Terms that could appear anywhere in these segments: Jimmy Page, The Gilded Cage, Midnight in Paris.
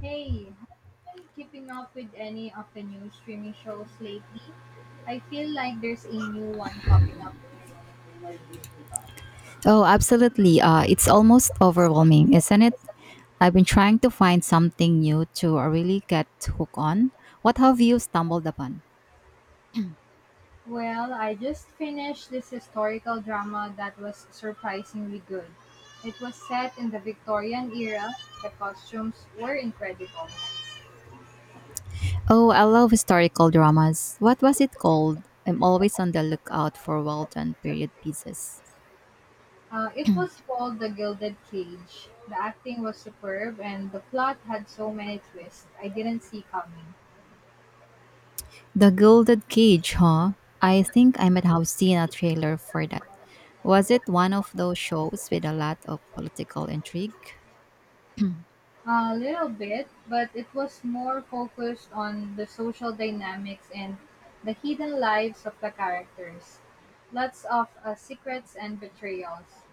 Hey, have you been keeping up with any of the new streaming shows lately? I feel like there's a new one popping up every week. Oh, absolutely. It's almost overwhelming, isn't it? I've been trying to find something new to really get hooked on. What have you stumbled upon? Well, I just finished this historical drama that was surprisingly good. It was set in the Victorian era. The costumes were incredible. Oh, I love historical dramas. What was it called? I'm always on the lookout for well done period pieces. It was called The Gilded Cage. The acting was superb, and the plot had so many twists I didn't see coming. The Gilded Cage, huh? I think I might have seen a trailer for that. Was it one of those shows with a lot of political intrigue? A little bit, but it was more focused on the social dynamics and the hidden lives of the characters. Lots of secrets and betrayals.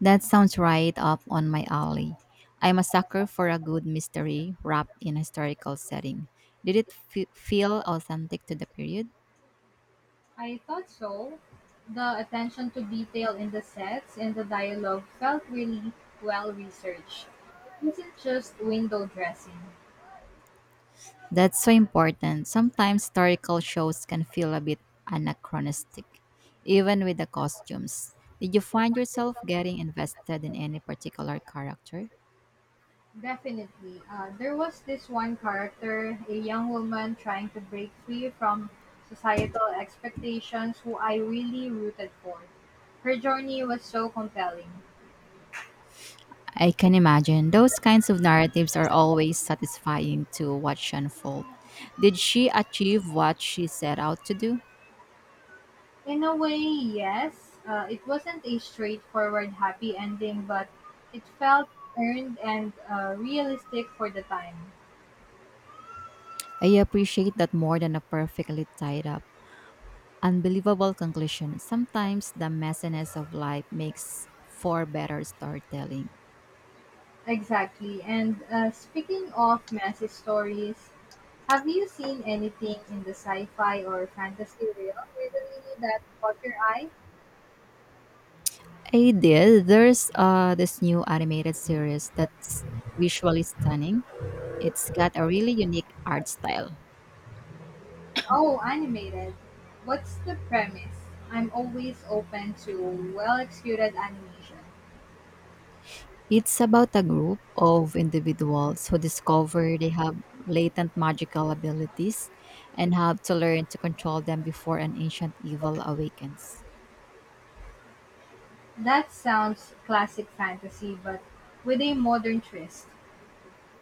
That sounds right up on my alley. I'm a sucker for a good mystery wrapped in a historical setting. Did it feel authentic to the period? I thought so. The attention to detail in the sets and the dialogue felt really well researched. It wasn't just window dressing. That's so important. Sometimes historical shows can feel a bit anachronistic, even with the costumes. Did you find yourself getting invested in any particular character? Definitely. There was this one character, a young woman trying to break free from societal expectations, who I really rooted for. Her journey was so compelling. I can imagine. Those kinds of narratives are always satisfying to watch unfold. Did she achieve what she set out to do? In a way, yes, it wasn't a straightforward happy ending, but it felt earned and realistic for the time. I appreciate that more than a perfectly tied up, unbelievable conclusion. Sometimes the messiness of life makes for better storytelling. Exactly. And speaking of messy stories, have you seen anything in the sci-fi or fantasy realm lately that caught your eye? I did. There's this new animated series that's visually stunning. It's got a really unique art style. Oh, animated. What's the premise? I'm always open to well-executed animation. It's about a group of individuals who discover they have latent magical abilities and have to learn to control them before an ancient evil awakens. That sounds classic fantasy, but with a modern twist.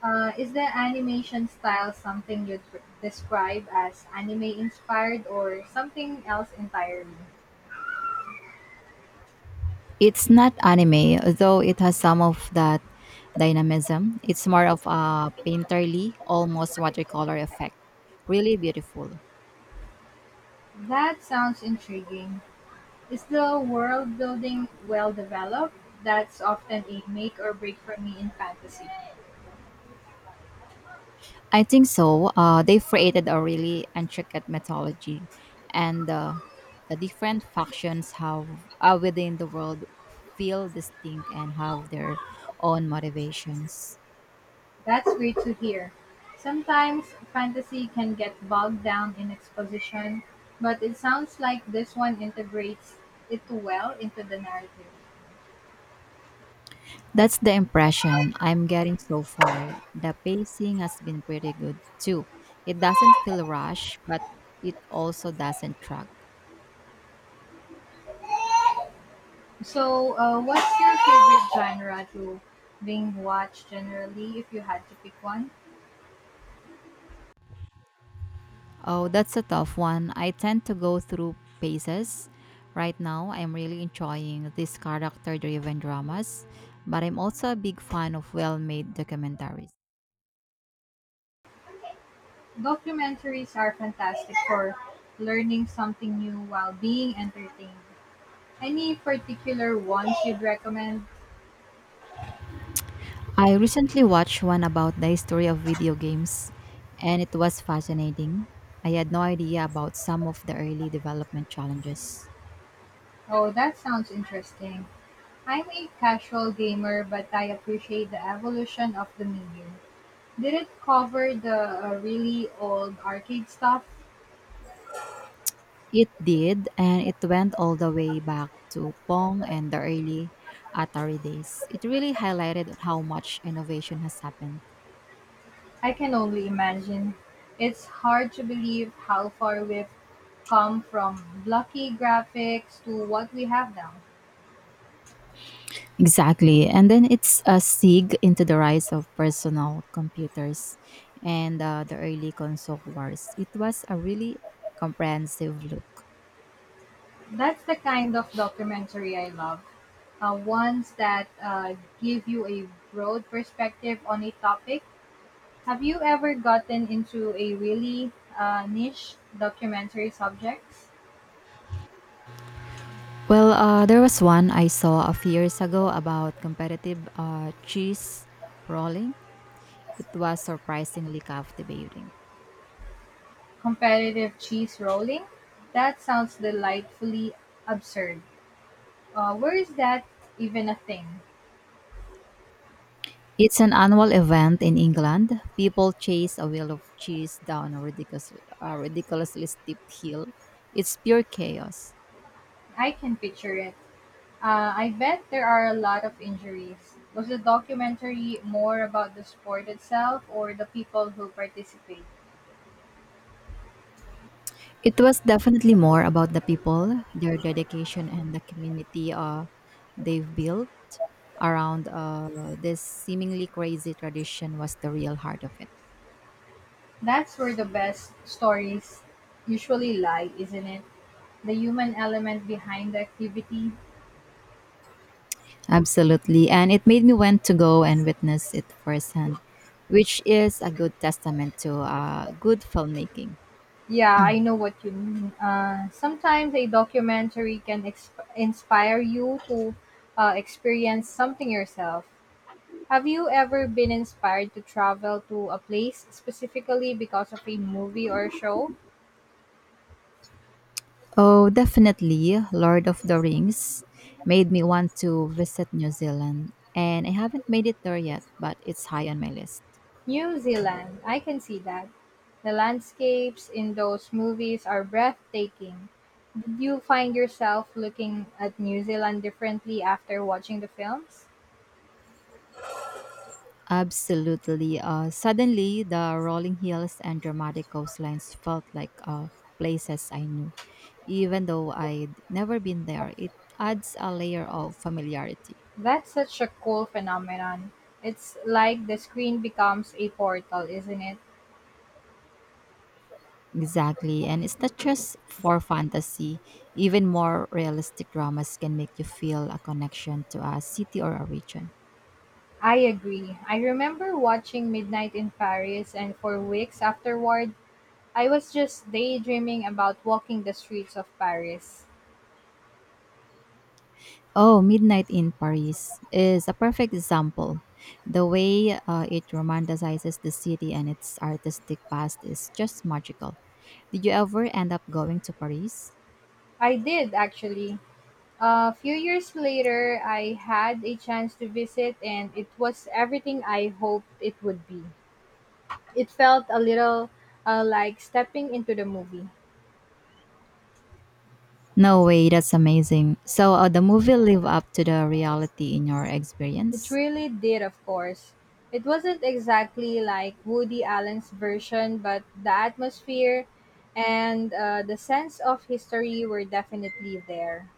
Is the animation style something you'd describe as anime-inspired or something else entirely? It's not anime, though it has some of that dynamism. It's more of a painterly, almost watercolor effect. Really beautiful. That sounds intriguing. Is the world building well developed? That's often a make or break for me in fantasy. I think so. They've created a really intricate mythology, and the different factions have within the world feel distinct and have their own motivations. That's great to hear. Sometimes fantasy can get bogged down in exposition, but it sounds like this one integrates it well into the narrative. That's the impression I'm getting so far. The pacing has been pretty good too. It doesn't feel rushed, but it also doesn't drag. So, what's your favorite genre to being watched generally if you had to pick one? Oh, that's a tough one. I tend to go through phases. Right now, I'm really enjoying these character driven dramas, but I'm also a big fan of well made documentaries. Documentaries are fantastic for learning something new while being entertained. Any particular ones you'd recommend? I recently watched one about the history of video games, and it was fascinating. I had no idea about some of the early development challenges. Oh, that sounds interesting. I'm a casual gamer, but I appreciate the evolution of the medium. Did it cover the really old arcade stuff? It did, and it went all the way back to Pong and the early Atari days. It really highlighted how much innovation has happened. I can only imagine. It's hard to believe how far we've come from blocky graphics to what we have now. Exactly. And then it's a sig into the rise of personal computers and the early console wars. It was a really comprehensive look. That's the kind of documentary I love. Ones that give you a broad perspective on a topic. Have you ever gotten into a really niche documentary subjects? Well, there was one I saw a few years ago about competitive cheese rolling. It was surprisingly captivating. Competitive cheese rolling? That sounds delightfully absurd. Where is that even a thing? It's an annual event in England. People chase a wheel of cheese down a a ridiculously steep hill. It's pure chaos. I can picture it. I bet there are a lot of injuries. Was the documentary more about the sport itself or the people who participate? It was definitely more about the people, their dedication, and the community they've built around this seemingly crazy tradition was the real heart of it. That's where the best stories usually lie, isn't it? The human element behind the activity. Absolutely. And it made me want to go and witness it firsthand, which is a good testament to good filmmaking. Yeah, I know what you mean. Sometimes a documentary can inspire you to experience something yourself. Have you ever been inspired to travel to a place specifically because of a movie or show? Oh, definitely. Lord of the Rings made me want to visit New Zealand, and I haven't made it there yet, but it's high on my list. New Zealand, I can see that. The landscapes in those movies are breathtaking. Did you find yourself looking at New Zealand differently after watching the films? Absolutely. Suddenly, the rolling hills and dramatic coastlines felt like places I knew. Even though I'd never been there, it adds a layer of familiarity. That's such a cool phenomenon. It's like the screen becomes a portal, isn't it? Exactly. And it's not just for fantasy, even more realistic dramas can make you feel a connection to a city or a region. I agree. I remember watching Midnight in Paris, and for weeks afterward, I was just daydreaming about walking the streets of Paris. Oh, Midnight in Paris is a perfect example. The way it romanticizes the city and its artistic past is just magical. Did you ever end up going to Paris? I did, actually. A few years later, I had a chance to visit, and it was everything I hoped it would be. It felt a little like stepping into the movie. No way, that's amazing. So, the movie live up to the reality in your It experience? really did, of course. It wasn't exactly like Woody Allen's version, but the atmosphere and the sense of history were definitely there.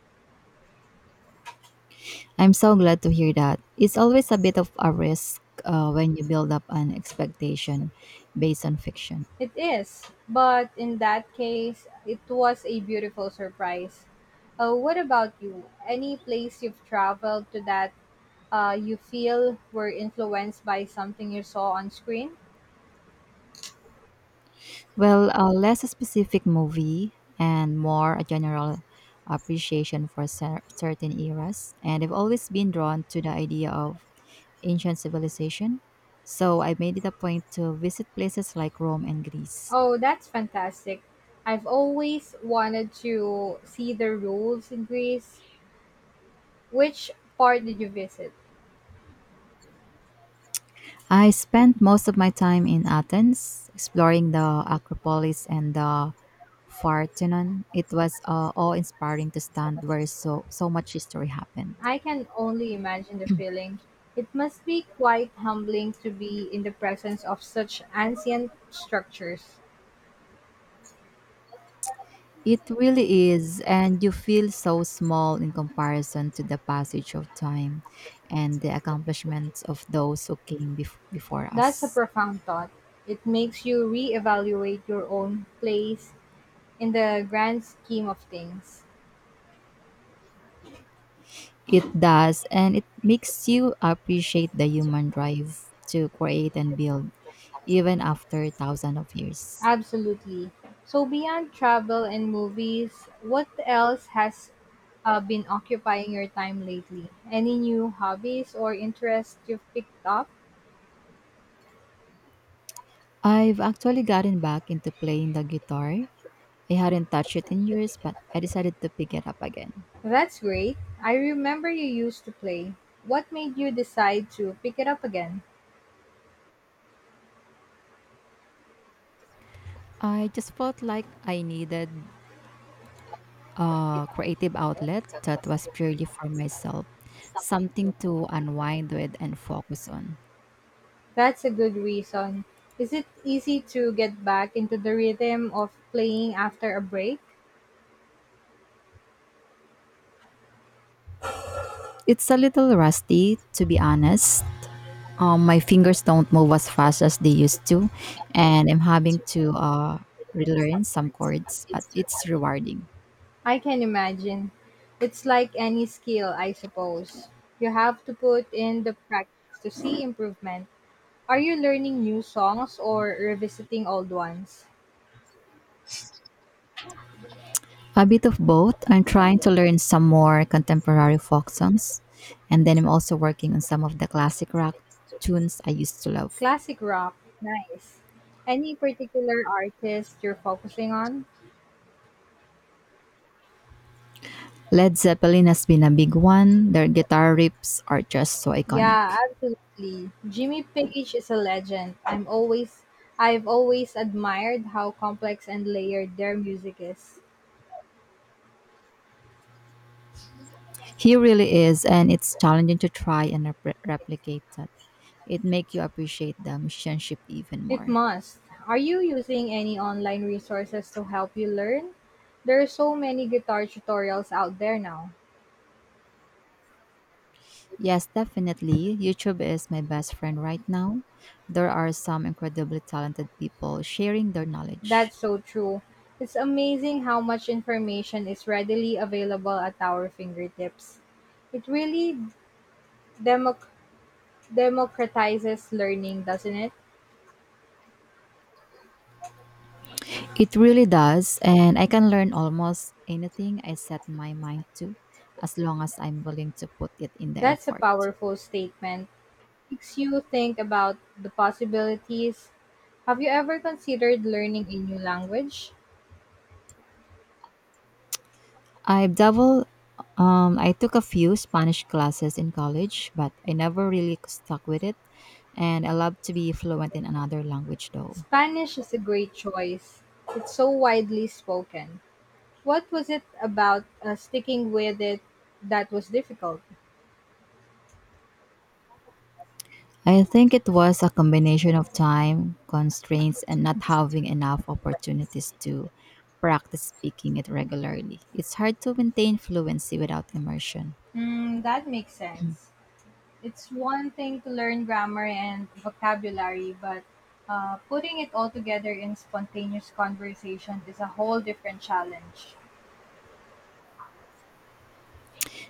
I'm so glad to hear that. It's always a bit of a risk when you build up an expectation based on fiction. It is, but in that case, it was a beautiful surprise. What about you? Any place you've traveled to that you feel were influenced by something you saw on screen? Well, a less specific movie and more a general appreciation for certain eras. And I've always been drawn to the idea of ancient civilization. So I made it a point to visit places like Rome and Greece. Oh, that's fantastic. I've always wanted to see the rules in Greece. Which part did you visit? I spent most of my time in Athens, exploring the Acropolis and the Parthenon. It was awe-inspiring to stand where so much history happened. I can only imagine the feeling. It must be quite humbling to be in the presence of such ancient structures. It really is, and you feel so small in comparison to the passage of time and the accomplishments of those who came before That's a us. profound thought. It makes you reevaluate your own place in the grand scheme of things. It does, and it makes you appreciate the human drive to create and build, even after thousands of years. Absolutely. So, beyond travel and movies, what else has been occupying your time lately? Any new hobbies or interests you've picked up? I've actually gotten back into playing the guitar. I hadn't touched it in years, but I decided to pick it up again. That's great. I remember you used to play. What made you decide to pick it up again? I just felt like I needed a creative outlet that was purely for myself, something to unwind with and focus on. That's a good reason. Is it easy to get back into the rhythm of playing after a break? It's a little rusty, to be honest. My fingers don't move as fast as they used to, and I'm having to relearn some chords, but it's rewarding. I can imagine. It's like any skill, I suppose. You have to put in the practice to see improvement. Are you learning new songs or revisiting old ones? A bit of both. I'm trying to learn some more contemporary folk songs, and then I'm also working on some of the classic rock tunes I used to love. Classic rock, nice. Any particular artist you're focusing on? Led Zeppelin has been a big one. Their guitar riffs are just so Yeah, iconic. absolutely. Jimmy Page is a legend. I've always admired how complex and layered their music is. He really is, and it's challenging to try and replicate that. It makes you appreciate the musicianship even It more. must. Are you using any online resources to help you learn? There are so many guitar tutorials out there now. Yes, definitely. YouTube is my best friend right now. There are some incredibly talented people sharing their That's knowledge. so true. It's amazing how much information is readily available at our fingertips. It really democ- democratizes learning, doesn't it? It really does, and I can learn almost anything I set my mind to as long as I'm willing to put it in the That's a effort. powerful statement. Makes you think about the possibilities. Have you ever considered learning a new language? I double I took a few Spanish classes in college, but I never really stuck with it and I love to be fluent in another language though. Spanish is a great choice. It's so widely spoken. What was it about sticking with it that was difficult? I think it was a combination of time, constraints and not having enough opportunities to practice speaking it regularly. It's hard to maintain fluency without immersion. Mm, that makes sense. It's one thing to learn grammar and vocabulary, but putting it all together in spontaneous conversation is a whole different challenge.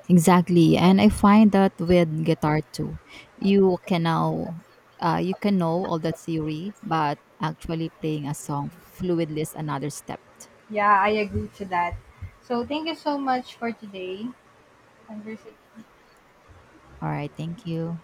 Exactly, and I find that with guitar too, you can now, you can know all the theory, but actually playing a song fluidly is another step. Yeah, I agree to that. So, thank you so much for today. Conversation. All right, thank you.